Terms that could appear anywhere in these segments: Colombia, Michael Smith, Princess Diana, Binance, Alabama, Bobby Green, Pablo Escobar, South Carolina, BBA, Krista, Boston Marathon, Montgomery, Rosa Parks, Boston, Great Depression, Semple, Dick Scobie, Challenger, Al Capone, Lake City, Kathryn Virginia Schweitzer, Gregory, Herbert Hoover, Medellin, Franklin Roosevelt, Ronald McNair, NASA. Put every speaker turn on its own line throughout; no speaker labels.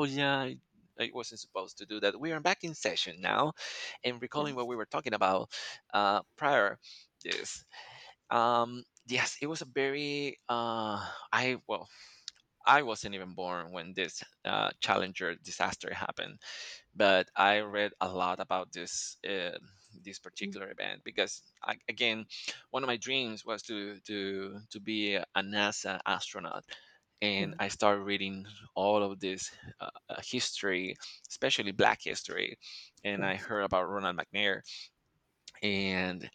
Oh yeah, I wasn't supposed to do that. We are back in session now, and
Yeah.
recalling what we were talking about prior this. Yes, it was a very I well, I wasn't even born when this Challenger disaster happened, but I read a lot about this this
Mm.
particular event because, I, again, one of my dreams was to be a NASA astronaut, and
Yeah.
I started reading all of this history, especially Black history, and I
Yes.
heard about Ronald McNair, and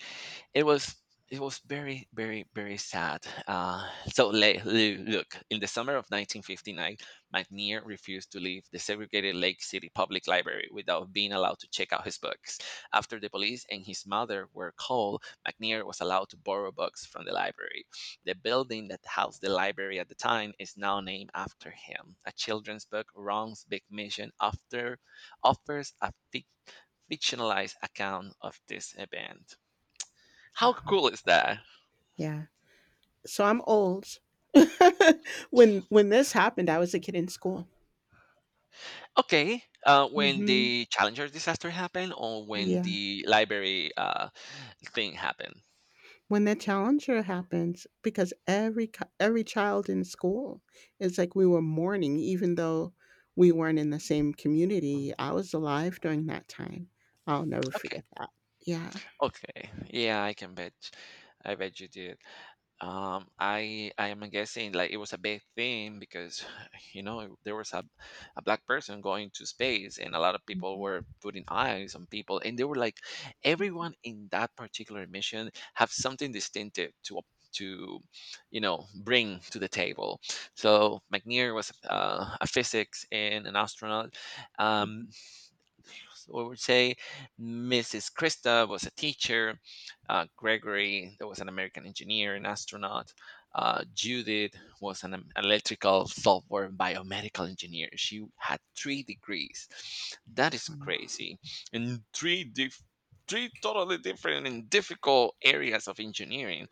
it was it was very sad. Look, in the summer of 1959, mcnair refused to leave the segregated lake city public library without being allowed to check out his books. After the police and his mother were called, mcnair was allowed to borrow books from the library. The building that housed the library at the time is now named after him. A children's book, Wrong's Big Mission, after offers a fictionalized account of this event. How
Wow.
cool is that?
Yeah. So I'm old. When this happened, I was a kid in school.
Okay, when
Hmm.
the Challenger disaster happened, or when
Yeah.
the library thing happened?
When the Challenger happens, because every child in school, it's like we were mourning, even though we weren't in the same community. I was alive during that time. I'll never
Okay,
forget that. Yeah.
okay. Yeah, I can bet. I bet you did. I am guessing, like, it was a big thing because you know there was a black person going to space, and a lot of people
Hmm.
were putting eyes on people, and they were like everyone in that particular mission have something distinctive to, you know, bring to the table. So mcnair was a physics and an astronaut, um we would say. Mrs. Krista was a teacher. Gregory, that was an American engineer and astronaut. Judith was an electrical software and biomedical engineer. She had 3 degrees. That is
Wow.
crazy. And three totally different and difficult areas of engineering.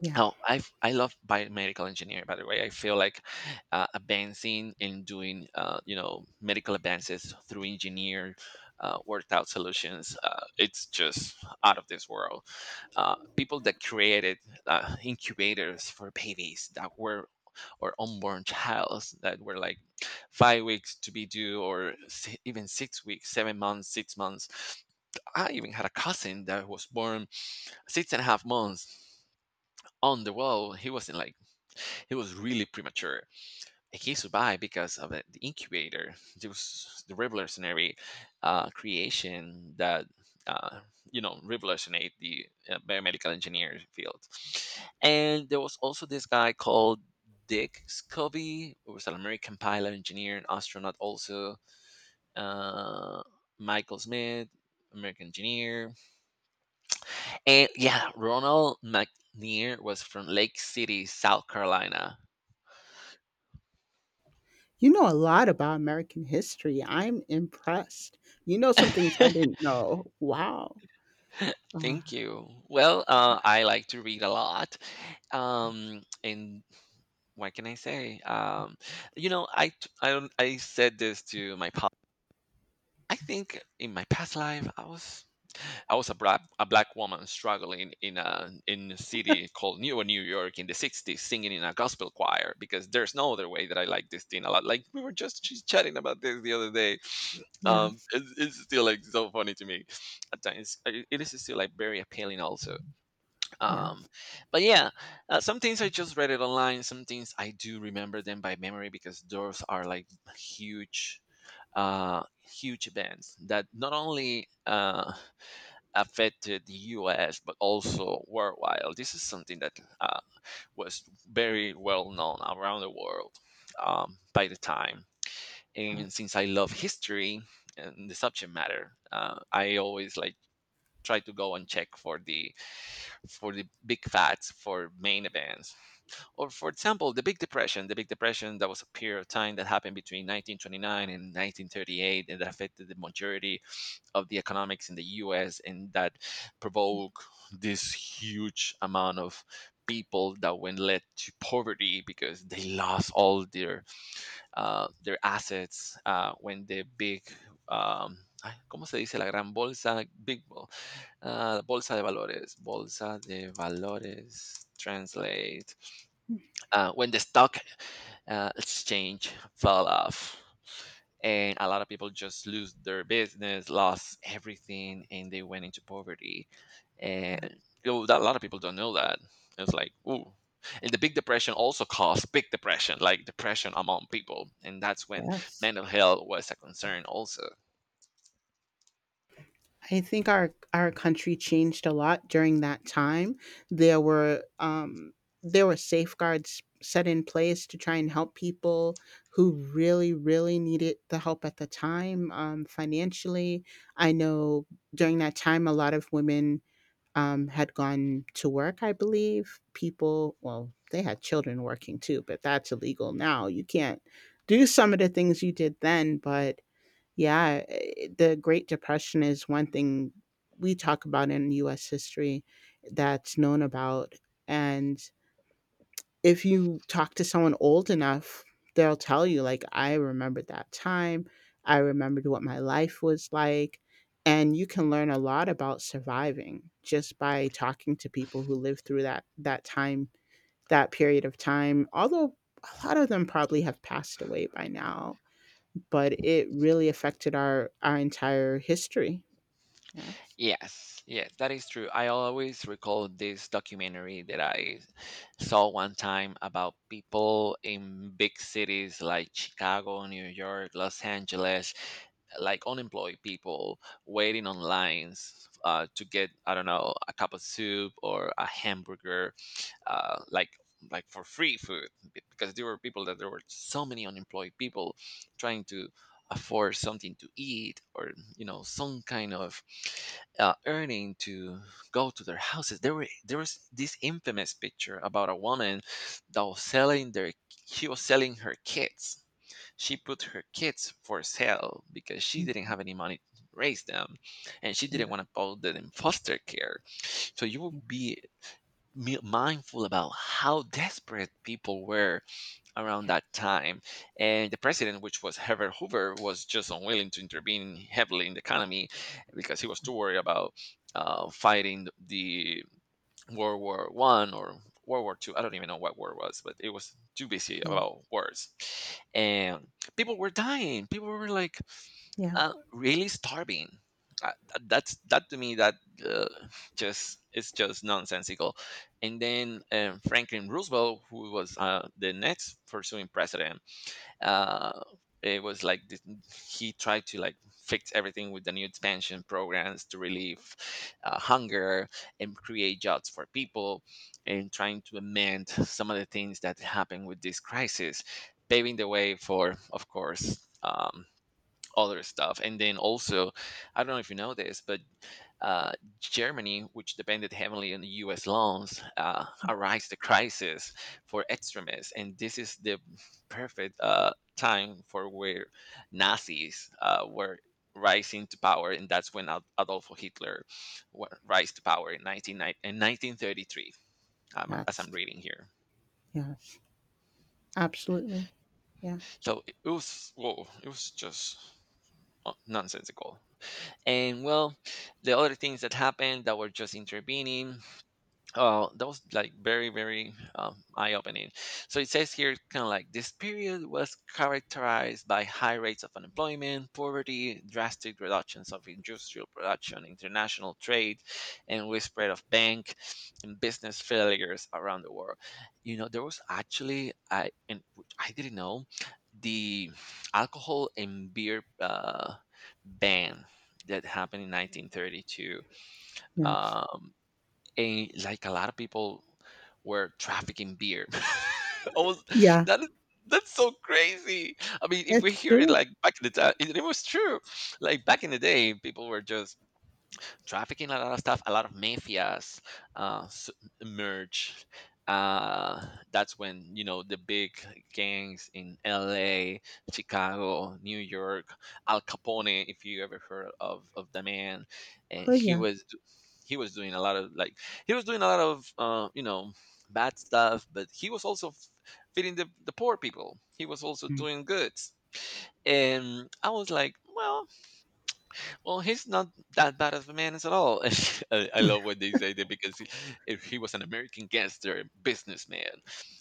Yeah.
Oh, I love biomedical engineering. By the way, I feel like advancing and doing, you know, medical advances through engineer worked out solutions. It's just out of this world. People that created incubators for babies that were, or unborn childs that were like 5 weeks to be due, or even 6 weeks, 7 months, 6 months. I even had a cousin that was born six and a half months on the wall. He wasn't like, he was really premature, and he survived because of the incubator. There was the revolutionary creation that, uh, you know, revolutionized the biomedical engineer field. And there was also this guy called dick scobie, who was an american pilot, engineer and astronaut also. uh, Michael Smith, american engineer. And yeah, Ronald McNair was from Lake City, South Carolina.
You know a lot about American history. I'm impressed. You know some things I didn't know. Wow. Uh,
Thank you. Well, I like to read a lot. And what can I say? You know, I said this to my, I think in my past life, I was, I was a black woman struggling in a city called New York in the '60s, singing in a gospel choir, because there's no other way that I like this thing a lot. Like we were just chatting about this the other day.
yes,
It's still like so funny to me at times. It is still like very appealing also. Um,
yes,
but yeah, some things I just read it online. Some things I do remember them by memory, because those are like huge, huge events that not only affected the US, but also worldwide. This is something that uh, was very well known around the world by the time. And
yes.
since I love history and the subject matter, I always like try to go and check for the, for the big facts for main events. Or for example, the Big Depression, the Big Depression, that was a period of time that happened between 1929 and 1938, and that affected the majority of the economics in the US, and that provoked this huge amount of people that went, led to poverty because they lost all their assets when the big um, ay, ¿Cómo se dice la gran bolsa? Bolsa de valores. Bolsa de valores. Translate,
Mhm.
when the stock exchange fell off, and a lot of people just lose their business, lost everything, and they went into poverty. And
Yeah,
you know, that, a lot of people don't know that. It's like ooh, and the big depression also caused big depression, like depression among people, and that's when
yes.
mental health was a concern also.
I think our country changed a lot during that time. There were um, there were safeguards set in place to try and help people who really, really needed the help at the time, financially. I know during that time, a lot of women, had gone to work, I believe. People, well, they had children working too, but that's illegal now. You can't do some of the things you did then. But yeah, the Great Depression is one thing we talk about in US history that's known about. And if you talk to someone old enough, they'll tell you, like, "I remember that time. I remembered what my life was like." And you can learn a lot about surviving just by talking to people who lived through that time, that period of time, although a lot of them probably have passed away by now, but it really affected our entire history. Yes.
Yes, yes, that is true. I always recall this documentary that I saw one time about people in big cities like Chicago, New York, Los Angeles, like unemployed people waiting on lines, to get, I don't know, a cup of soup or a hamburger, uh, like like for free food, because there were people that, there were so many unemployed people trying to afford something to eat, or, you know, some kind of earning to go to their houses. There were, there was this infamous picture about a woman that was selling their, she was selling her kids, she put her kids for sale because she didn't have
Mhm.
any money to raise them, and she didn't
Yeah,
want to put them in foster care. So you would
yeah,
be mindful about how desperate people were around
yeah,
that time. And the president, which was Herbert Hoover, was just unwilling to intervene heavily in the economy, because he was too worried about fighting the World War One or World War Two. I don't even know what war it was, but it was too busy
yeah,
about wars. And people were dying. People were like
yeah.
really starving. That's that, to me, that uh, just, it's just nonsensical. And then, Franklin Roosevelt, who was, the next pursuing president, uh, it was like this, he tried to like fix everything with the new expansion programs to relieve, hunger and create jobs for people, and trying to amend some of the things that happened with this crisis, paving the way for, of course. Other stuff. And then also, I don't know if you know this, but, uh, Germany, which depended heavily on the U.S. loans, arise the crisis for extremists, and this is the perfect time for where Nazis were rising to power, and that's when Adolf Hitler rise to power in 1933, as
Yes,
I'm reading here.
yes. Absolutely. Yeah.
So it was, whoa, it was just nonsensical. And well, the other things that happened that were just intervening. Oh, that was like very, very eye-opening. So it says here, kind of like this period was characterized by high rates of unemployment, poverty, drastic reductions of industrial production, international trade, and widespread of bank and business failures around the world. You know, there was actually, I, and which I didn't know, the alcohol and beer ban that happened in 1932.
Yeah.
Um, and like a lot of people were trafficking beer. I was,
Yeah.
that is, that's so crazy. I mean, if we
It's
hear it
true.
like back in the time, it was true. Like back in the day, people were just trafficking a lot of stuff. A lot of mafias uh, s- emerged. Uh, that's when, you know, the big gangs in L.A., Chicago, New York, Al Capone. If you ever heard of the man, and
Oh yeah.
he was doing a lot of like, he was doing a lot of, you know, bad stuff, but he was also feeding the poor people. He was also
Mm.
doing good, and I was like, well, well, he's not that bad of a man as at all. And I
Yeah.
love what they say that because he, if he was an American gangster businessman,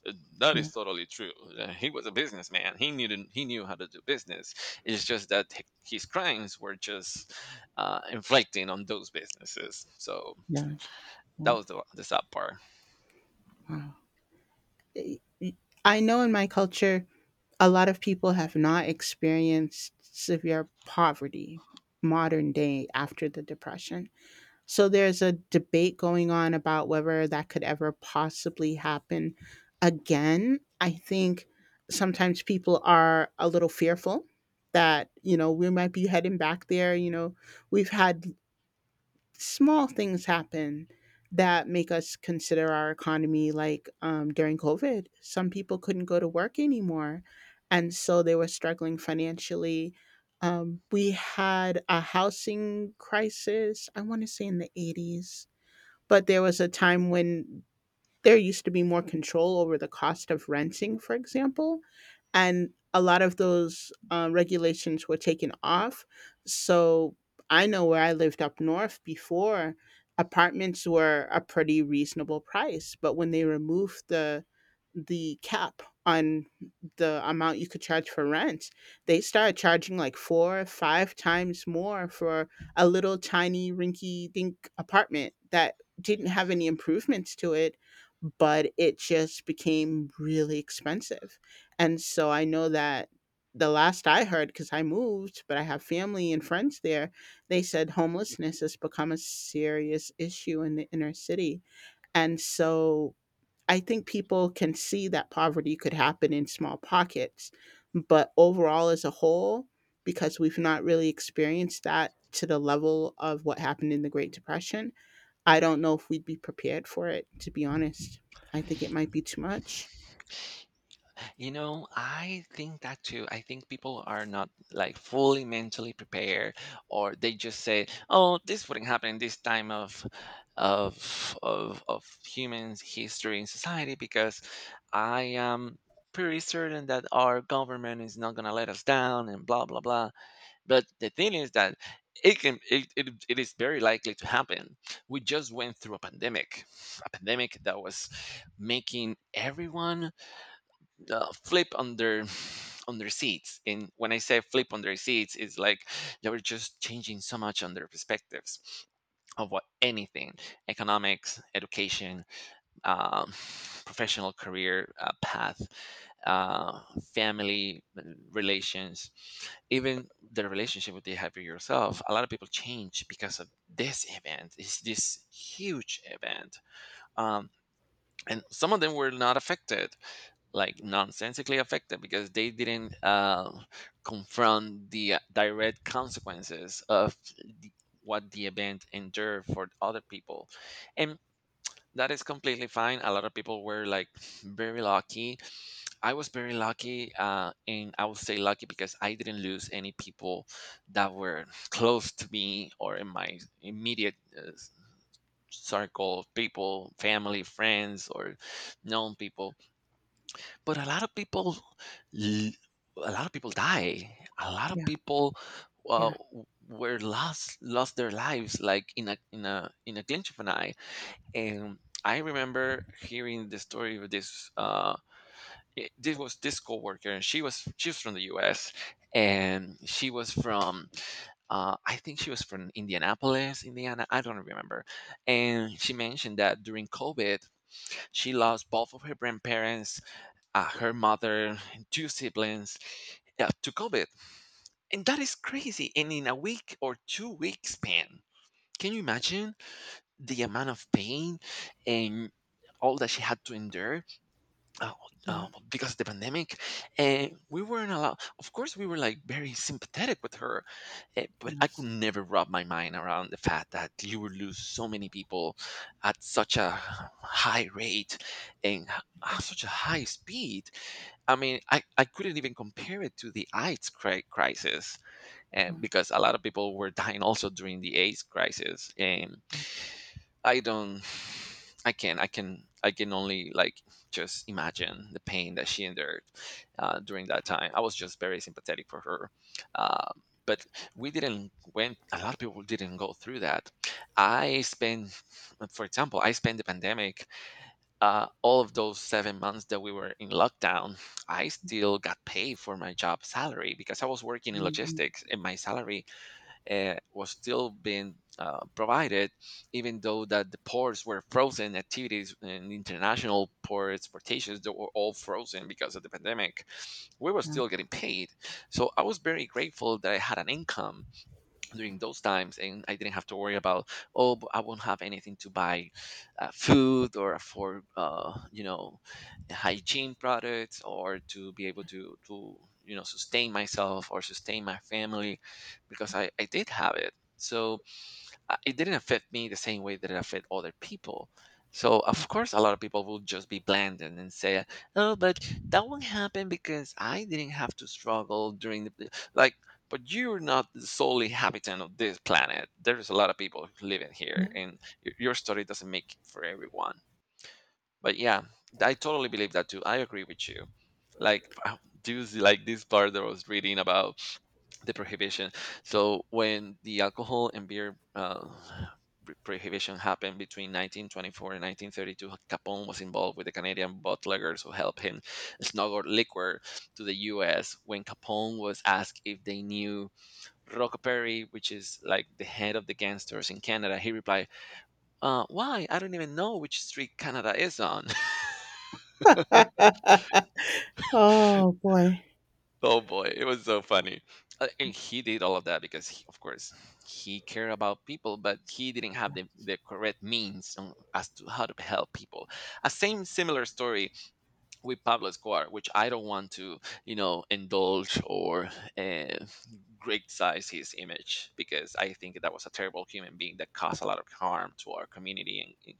uh, that
Yeah.
is totally true. He was a businessman. He knew he knew how to do business. It's just that his crimes were just inflicting on those businesses. So
Yeah.
that was the sad part.
Wow. I I- I know in my culture, a lot of people have not experienced severe poverty modern day after the Depression. So there's a debate going on about whether that could ever possibly happen again. I think sometimes people are a little fearful that, you know, we might be heading back there. You know, we've had small things happen that make us consider our economy, like during covid some people couldn't go to work anymore, and so they were struggling financially. We had a housing crisis, I want to say in the 80s, but there was a time when there used to be more control over the cost of renting, for example, and a lot of those regulations were taken off. So I know where I lived up north before, apartments were a pretty reasonable price, but when they removed the cap on the amount you could charge for rent, they started charging like four or five times more for a little tiny rinky dink apartment that didn't have any improvements to it, but it just became really expensive. And so I know that the last I heard, because I moved, but I have family and friends there, they said homelessness has become a serious issue in the inner city. And so I think people can see that poverty could happen in small pockets, but overall, as a whole, because we've not really experienced that to the level of what happened in the Great Depression, I don't know if we'd be prepared for it, to be honest. I think it might be too much.
You know, I think that too. I think people are not like fully mentally prepared, or they just say, "Oh, this wouldn't happen in this time of of humans' history in society," because I am pretty certain that our government is not gonna let us down, and blah blah blah. But the thing is that it can, it is very likely to happen. We just went through a pandemic that was making everyone flip on their, on their seats. And when I say flip on their seats, it's like they were just changing so much on their perspectives of what anything, economics, education, um, professional career path, uh, family relations, even the relationship that you have with yourself. A lot of people change because of this event. It's this huge event, um, and some of them were not affected, like nonsensically affected, because they didn't confront the direct consequences of. The, what the event endured for other people, and that is completely fine. A lot of people were like very lucky. I was very lucky, and I would say lucky because I didn't lose any people that were close to me or in my immediate circle of people, family, friends, or known people. But a lot of people, l- a lot of people die. A lot of
Yeah,
people
yeah,
were lost their lives like in a glint of an eye, and I remember hearing the story of this. This was this coworker, and she was from the U.S. and she was from, I think she was from Indianapolis, Indiana. I don't remember. And she mentioned that during COVID, she lost both of her grandparents, her mother, two siblings, to COVID, and that is crazy. And in a week or 2 week span, can you imagine the amount of pain and all that she had to endure, uh,
yeah,
because of the pandemic? And we weren't allowed, of course we were like very sympathetic with her, but I could
yes,
never wrap my mind around the fact that you would lose so many people at such a high rate and at such a high speed. I mean, I couldn't even compare it to the crisis,
yeah,
because a lot of people were dying also during the AIDS crisis. I don't. I can only like just imagine the pain that she endured during that time. I was just very sympathetic for her. But we didn't went. A lot of people didn't go through that. I spent, I spent the pandemic. All of those 7 months that we were in lockdown, I still got paid for my job salary because I was working in
mm,
logistics, and my salary was still being provided, even though that the ports were frozen. Activities and international ports, portations, they were all frozen because of the pandemic. We were
mm,
still getting paid, so I was very grateful that I had an income during those times, and I didn't have to worry about, oh, but I won't have anything to buy food or for, you know, hygiene products, or to be able to you know, sustain myself or sustain my family, because I did have it. So it didn't affect me the same way that it affected other people. So of course, a lot of people will just be bland and then say, "Oh, but that won't happen because I didn't have to struggle during the like." But you're not the solely habitant of this planet. There's a lot of people living here, and your story doesn't make it for everyone. But yeah, I totally believe that too. I agree with you. Like, do you see like this part that I was reading about the prohibition? So when the alcohol and beer prohibition happened between 1924 and 1932, Capone was involved with the Canadian bootleggers who helped him smuggle liquor to the US. When Capone was asked if they knew Rockaperry, which is like the head of the gangsters in Canada, he replied, "Why, I don't even know which street Canada is on."
yeah, yeah. Oh boy.
Oh boy, it was so funny. And he did all of that because, of course, he cared about people, but he didn't have
Yeah,
the correct means on- as to how to help people. A same similar story with Pablo Escobar, which I don't want to, you know, indulge or uh, criticize his image, because I think that was a terrible human being that caused a lot of harm to our community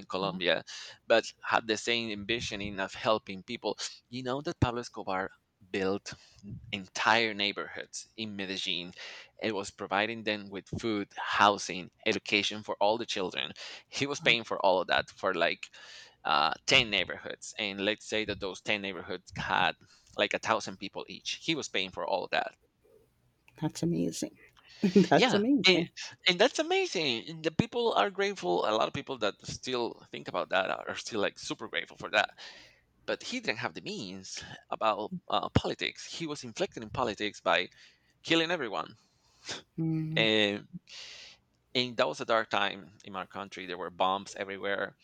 in
yeah,
Colombia, but had the same ambition of helping people. You know that Pablo Escobar built entire neighborhoods in Medellin. It was providing them with food, housing, education for all the children. He was
wow.
paying for all of that for like 10 neighborhoods, and let's say that those 10 neighborhoods had like 1,000 people each. He was paying for all of that.
That's amazing. That's
Yeah, and,
amazing.
and that's amazing, and the people are grateful. A lot of people that still think about that are still like super grateful for that. But he didn't have the means about, politics. He was inflicted in politics by killing everyone,
Mm,
and and that was a dark time in our country. There were bombs everywhere,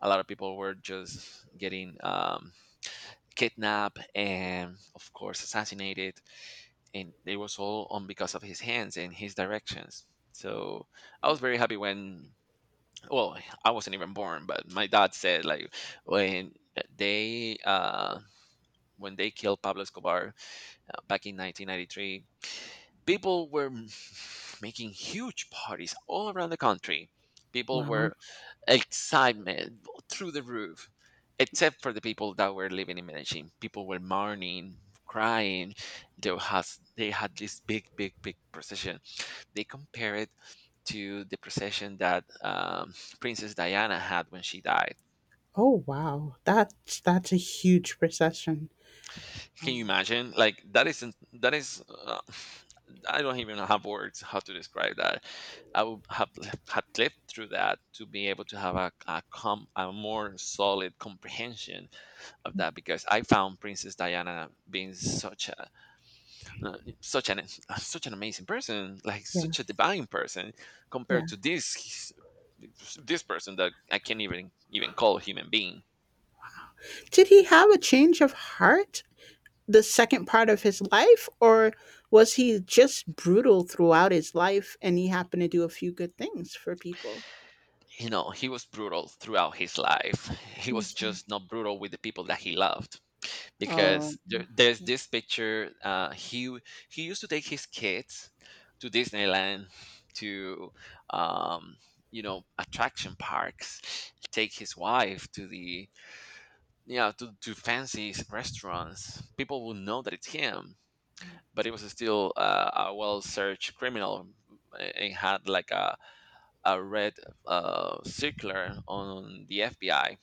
a lot of people were just getting, kidnapped and, of course, assassinated. And it was all on because of his hands and his directions. So I was very happy when, well, I wasn't even born, but my dad said like when they uh, when they killed Pablo Escobar, back in 1993, people were making huge parties all around the country. People
wow.
were excitement through the roof, except for the people that were living in Medellin. People were mourning, crying. There has they had this big, big, big procession. They compare it to the procession that Princess Diana had when she died.
Oh wow. That's a huge recession.
Can you
Um.
imagine? Like, that is. I don't even have words how to describe that. I would have had lived through that to be able to have a more solid comprehension of
Mm,
that, because I found Princess Diana being such a such an such an amazing person, like
yeah,
such a divine person,
yeah.
compared to this, this person that I can't even call human being.
Did he have a change of heart the second part of his life, or was he just brutal throughout his life and he happened to do a few good things for people?
You know, he was brutal throughout his life. He
Mm.
was just not brutal with the people that he loved.
Oh,
Because there's
yeah,
this picture, he used to take his kids to Disneyland, to, um you know, attraction parks, take his wife to the, yeah, to fancy restaurants. People would know that it's him, but it was still, a well-searched criminal, and had like a red circular on the FBI.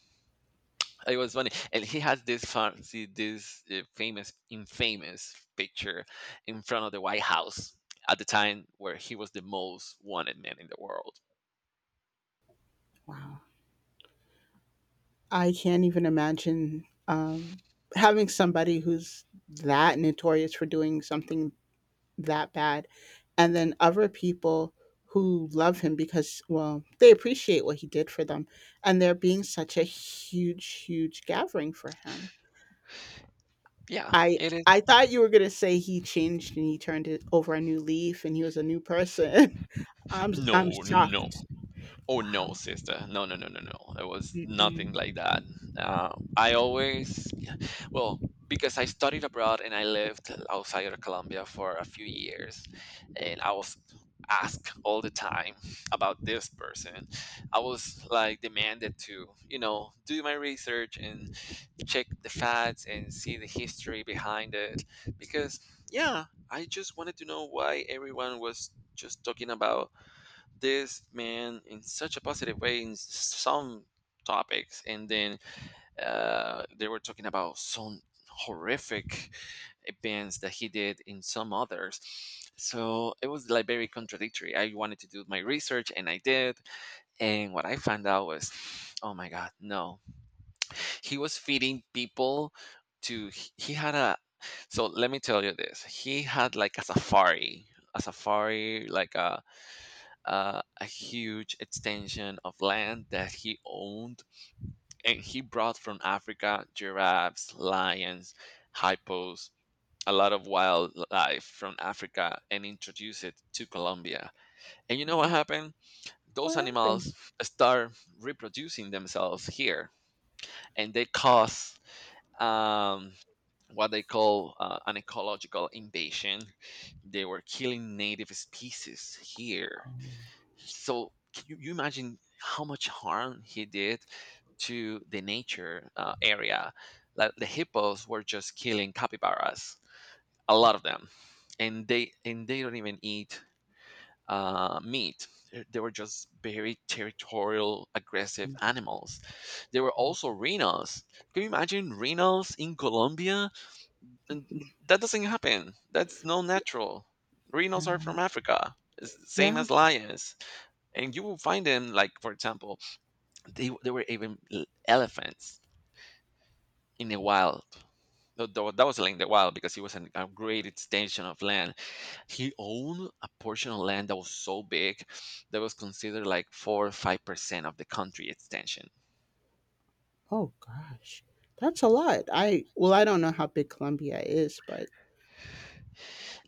It was funny, and he has this fancy, this famous infamous picture in front of the White House, at the time where he was the most wanted man in the world.
wow. I can't even imagine, having somebody who's that notorious for doing something that bad, and then other people who love him because, well, they appreciate what he did for them, and there being such a huge, huge gathering for him.
Yeah,
I
it is.
I thought you were gonna say he changed and he turned it over a new leaf and he was a new person. I'm
No, no.
shocked.
Oh no, sister. No, no, no, no, no. It was nothing
Mm-mm.
like that. Uh, I always, well, because I studied abroad and I lived outside of Colombia for a few years, and I was asked all the time about this person. I was like demanded to, you know, do my research and check the facts and see the history behind it, because yeah, I just wanted to know why everyone was just talking about this man in such a positive way in some topics, and then they were talking about some horrific events that he did in some others. So it was like very contradictory. I wanted to do my research, and I did, and what I found out was, oh my God, no. He was feeding people to, he had a, so let me tell you this, he had like a safari, a safari, like a, a huge extension of land that he owned, and he brought from Africa giraffes, lions, hippos, a lot of wildlife from Africa, and introduced it to Colombia. And you know what
Oh,
happened? Those
what happened?
animals start reproducing themselves here, and they cause, um, what they call an ecological invasion. They were killing native species here,
Oh,
so can you, you imagine how much harm he did to the nature area? Like the hippos were just killing capybaras, a lot of them, and they don't even eat meat. They were just very territorial, aggressive
mm,
animals. There were also rhinos. Can you imagine rhinos in Colombia? And that doesn't happen. That's no natural. Rhinos are
okay.
from Africa. It's the same
Yeah.
as lions, and you will find them like, for example, they there were even elephants in the wild. That was like in the wild, because it was an, a great extension of land. He owned a portion of land that was so big, that was considered like 4 or 5% of the country extension.
Oh gosh, that's a lot. I, well, I don't know how big Colombia is, but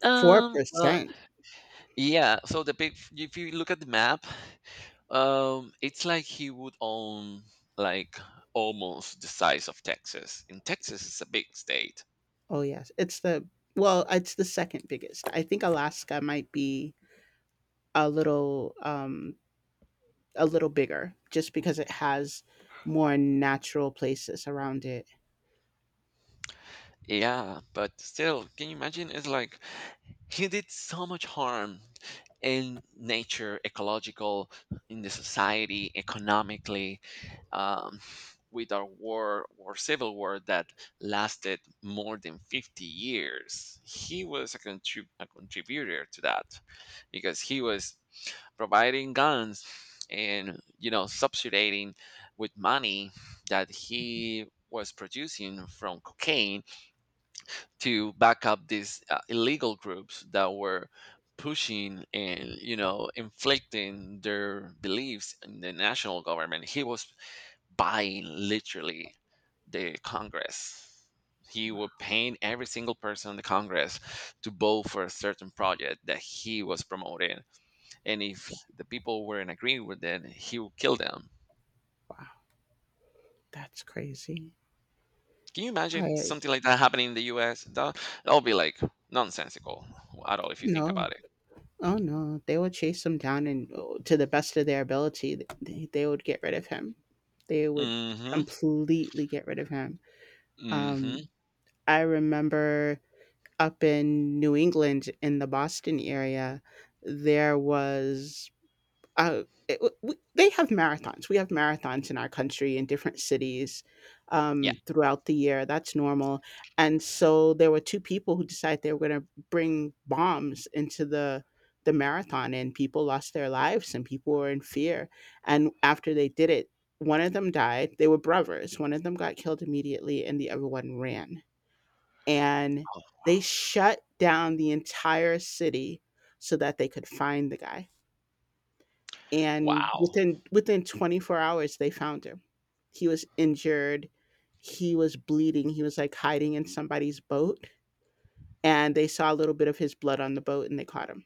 um well
4%.
yeah, so the big, if you look at the map, it's like he would own like almost the size of Texas, and Texas is a big state.
Oh yes, it's the, well, it's the second biggest. I think Alaska might be a little, a little bigger just because it has more natural places around it.
Yeah, but still, can you imagine? It's like he did so much harm in nature, ecological, in the society, economically, um, with our war or civil war that lasted more than 50 years. He was a contributor to that because he was providing guns and subsidizing with money that he was producing from cocaine to back up these illegal groups that were pushing and inflicting their beliefs in the national government. He was buying literally the congress. He would paying every single person in the congress to vote for a certain project that he was promoting, and if the people weren't agreeing with it he would kill them.
Wow, that's crazy.
Can you imagine
I
something like that happening in the us? That, that'll be like nonsensical at all if you think
No.
about it.
Oh no, they would chase him down and, to the best of their ability, they would get rid of him. They would
hmm
completely get rid of him. Um,
Mhm.
I remember up in New England in the Boston area, there was uh, it, w- they have marathons. We have marathons in our country in different cities,
Yeah.
throughout the year. That's normal. And so there were two people who decided they were going to bring bombs into the marathon, and people lost their lives, and people were in fear. And after they did it, one of them died. They were brothers. One of them got killed immediately, and the other one ran. And
Oh.
they shut down the entire city so that they could find the guy, and
Wow.
within 24 hours they found him. He was injured. He was bleeding. He was like hiding in somebody's boat, and they saw a little bit of his blood on the boat, and they caught him.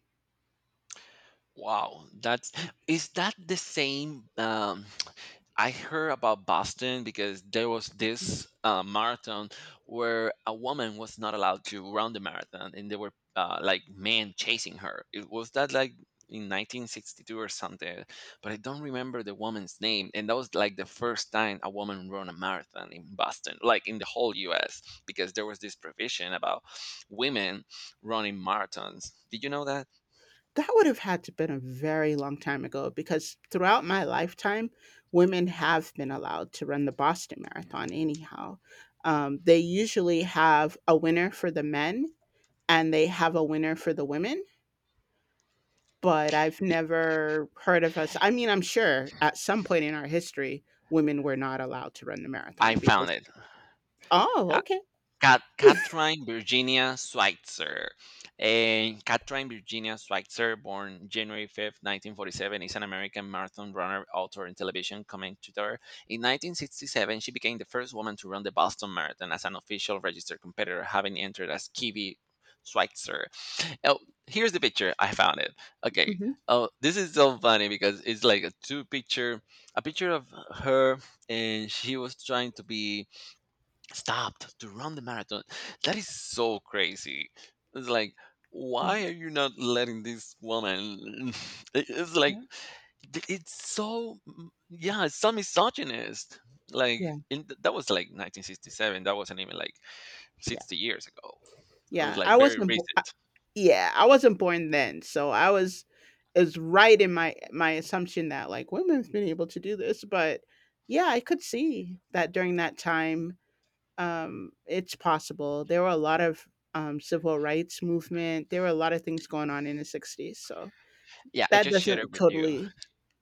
Wow. That's, is that the same? I heard about Boston because there was this marathon where a woman was not allowed to run the marathon, and there were like men chasing her. It was that like in 1962 or something, but I don't remember the woman's name. And that was like the first time a woman ran a marathon in Boston, like in the whole U.S., because there was this provision about women running marathons. Did you know that?
That would have had to been a very long time ago because throughout my lifetime women have been allowed to run the Boston marathon anyhow. They usually have a winner for the men and they have a winner for the women, but I've
Y-
never heard of us. I mean, I'm sure at some point in our history, women were not allowed to run the
I
marathon
found
because—
it.
Oh, okay.
Kathryn Virginia Schweitzer. And Kathryn Virginia Schweitzer, born January 5th, 1947, is an American marathon runner, author, and television commentator. In 1967, she became the first woman to run the Boston Marathon as an official registered competitor, having entered as Kiwi Schweitzer. Oh, here's the picture. I found it. Okay.
Mhm.
Oh, this is so funny because it's like a two picture, a picture of her, and she was trying to be stopped to run the marathon. That is so crazy. It's like,
Yeah,
why are you not letting this woman? It's like,
yeah,
it's so, yeah, it's so misogynist. Like,
yeah,
that was like 1967. That wasn't even like
yeah,
60 years ago. It was
yeah.
like
I
very
wasn't bo
recent.
Yeah, I wasn't born then, so I was— is right in my my assumption that, like, women has been able to do this, but yeah, I could see that during that time, it's possible. There were a lot of, civil rights movement. There were a lot of things going on in the '60s, so
Yeah, I
that
just shared it
doesn't
with you.
totally.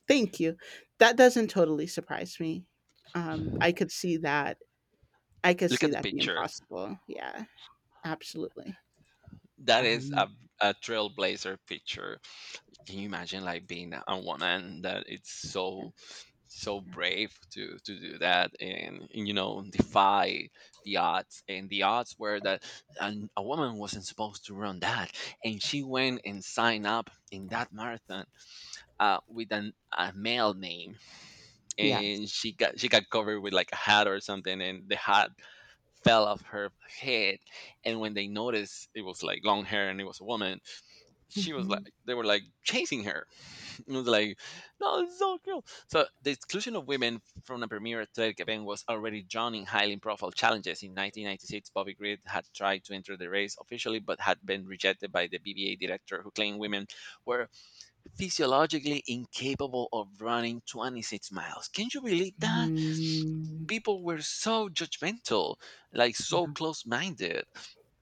Thank you. That doesn't totally surprise me. I could see that. I could
Look
see
at the
that being
picture.
possible. Yeah, absolutely.
That is a,
Um,
a trailblazer picture. Can you imagine like being on one end that it's
yeah.
so so brave to do that, and defy the odds? And the odds were that a woman wasn't supposed to run that, and she went and signed up in that marathon uh, with an, a male name.
Yes.
And she got covered with like a hat or something, and the hat fell off her head. And when they noticed it was like long hair and it was a woman, she was like,
Mhm.
they were like chasing her. It was like, no, it's so cool. So the exclusion of women from the premier athletic event was already drawn in highly profile challenges. In 1996, Bobby Green had tried to enter the race officially, but had been rejected by the BBA director, who claimed women were physiologically incapable of running 26 miles. Can you believe that?
Mm.
People were so judgmental, like so
Yeah.
close-minded.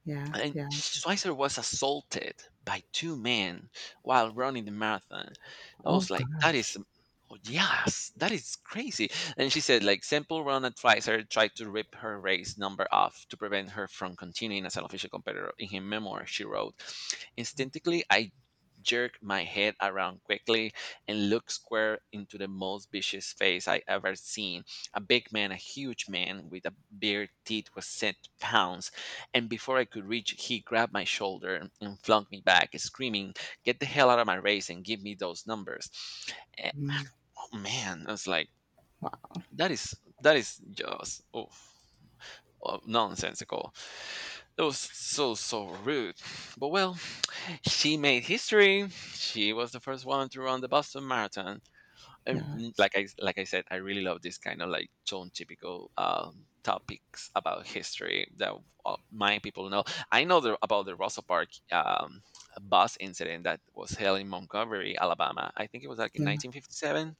Yeah.
And
Yeah.
Schweitzer was assaulted by two men while running the marathon. I
Oh
was like, that is,
gosh.
oh, yes, that is crazy. And she said, like, Semple Run Advisor tried to rip her race number off to prevent her from continuing as an official competitor. In her memoir, she wrote, "Instinctively, I jerk my head around quickly and look square into the most vicious face I ever seen. A big man, a huge man with a beard, teeth was set pounds, and before I could reach, he grabbed my shoulder and flung me back, screaming, Get the hell out of my race and give me those numbers." Eh,
Mm.
oh man, I was like,
Wow.
that is just, oh, oh, nonsensical. It was so so rude. But well, she made history. She was the first woman to run the Boston Marathon. And
Yeah.
like I said, I really love this kind of like tone typical topics about history that my people know. I know about the Russell Park bus incident that was held in Montgomery, Alabama. I think it was like in
Yeah.
1957.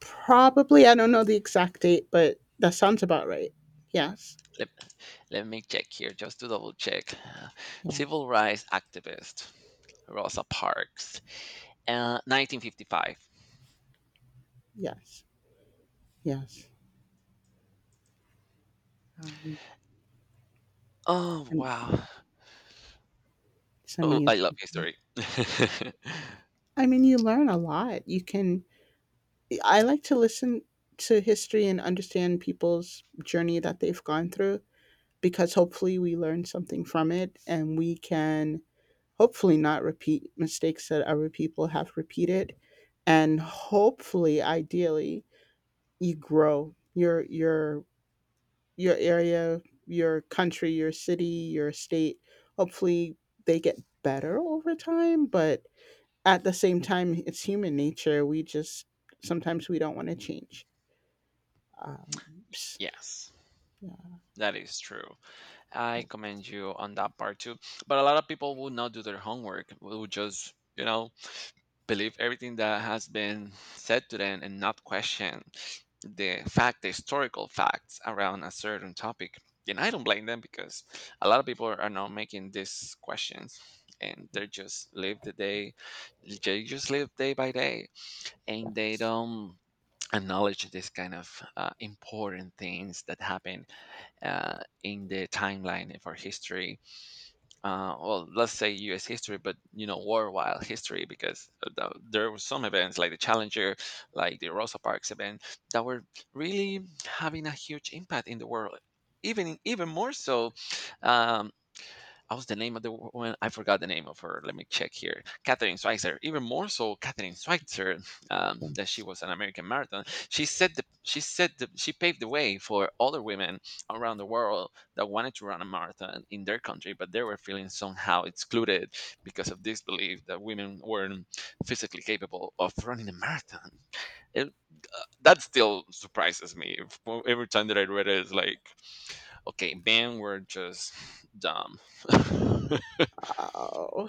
Probably. I don't know the exact date, but that sounds about right. Yes.
Let, let me check here just to double check. Civil rights activist Rosa Parks, 1955.
Yes, yes. Um,
Oh
and
wow!
it's
Oh, I love
amazing.
history.
I mean, you learn a lot. You can— I like to listen to history and understand people's journey that they've gone through because hopefully we learn something from it and we can hopefully not repeat mistakes that other people have repeated, and hopefully ideally you grow. Your your area, your country, your city, your state. Hopefully, they get better over time. But at the same time, it's human nature. We just sometimes we don't want to change. Um, s-
Yes,
yeah,
that is true.
yeah,
I commend you on that part too. But a lot of people will not do their homework, will just, you know, believe everything that has been said to them and not question the fact, the historical facts around a certain topic. And I don't blame them because a lot of people are not making these questions, and they just live the day, they just live day by day, and they
yes,
don't acknowledge this kind of important things that happen in the timeline of our history. Well, let's say U.S. history, but you know, worldwide history, because there were some events like the Challenger, like the Rosa Parks event, that were really having a huge impact in the world. Even even more so, um, I was the name of the woman. I forgot the name of her. Let me check here. Catherine Schweitzer. Even more so, Catherine Schweitzer, that she
yes.
was an American marathon. She said she paved the way for other women around the world that wanted to run a marathon in their country, but they were feeling somehow excluded because of this belief that women weren't physically capable of running a marathon. That still surprises me. Every time that I read it, it's like, okay, men were just dumb.
Oh.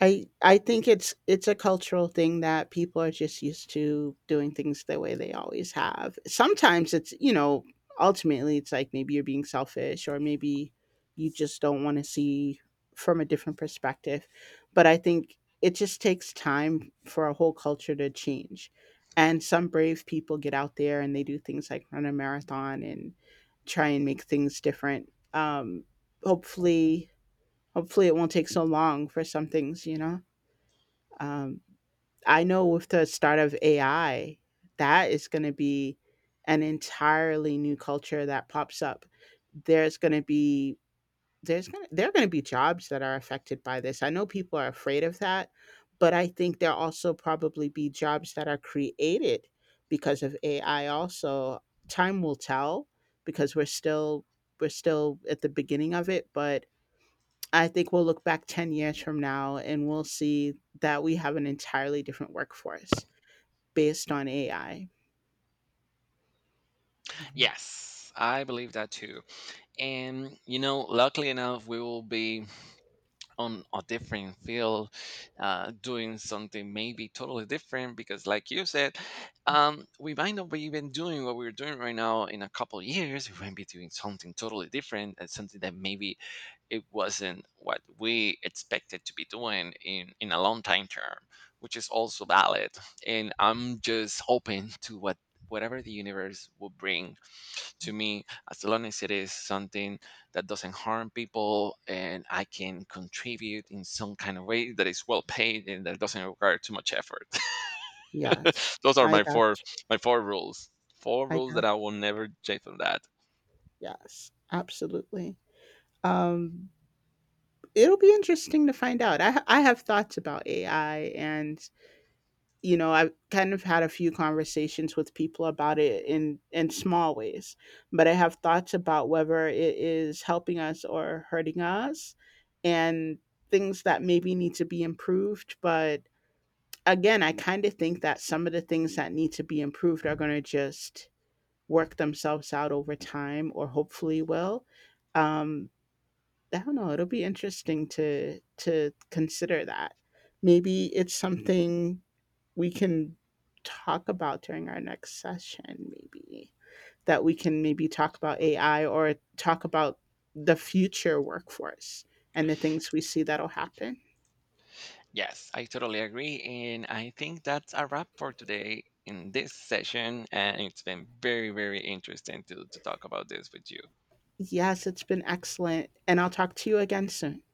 I think it's a cultural thing that people are just used to doing things the way they always have. Sometimes it's, you know, ultimately it's like maybe you're being selfish or maybe you just don't want to see from a different perspective. But I think it just takes time for a whole culture to change. And some brave people get out there and they do things like run a marathon and try and make things different. Hopefully Hopefully it won't take so long for some things, you know. Um, I know with the start of AI, that is going to be an entirely new culture that pops up. There's going to be there are going to be jobs that are affected by this. I know people are afraid of that, but I think there'll also probably be jobs that are created because of AI. Also, time will tell because we're still at the beginning of it, but I think we'll look back 10 years from now and we'll see that we have an entirely different workforce based on AI.
Yes, I believe that too. And you know, luckily enough, we will be on a different field doing something maybe totally different because like you said we might not be even doing what we're doing right now. In a couple of years we might be doing something totally different, and something that maybe it wasn't what we expected to be doing in a long time term, which is also valid. And I'm just open to whatever the universe will bring to me, as long as it is something that doesn't harm people and I can contribute in some kind of way that is well paid and that doesn't require too much effort.
Yes,
Those are
I got you.
my four rules, four
I
rules that
got
I will never change from that.
Yes, absolutely. Um, it'll be interesting to find out. I have thoughts about AI, and you know, I've kind of had a few conversations with people about it in small ways, but I have thoughts about whether it is helping us or hurting us, and things that maybe need to be improved, but again, I kind of think that some of the things that need to be improved are going to just work themselves out over time, or hopefully will. Um, I don't know, it'll be interesting to consider that. Maybe it's something we can talk about during our next session, maybe that we can maybe talk about AI or talk about the future workforce and the things we see that'll happen.
Yes I totally agree, and I think that's a wrap for today in this session. And it's been very very interesting to talk about this with you.
Yes, it's been excellent and I'll talk to you again soon.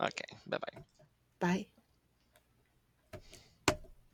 Okay, bye bye.
Bye.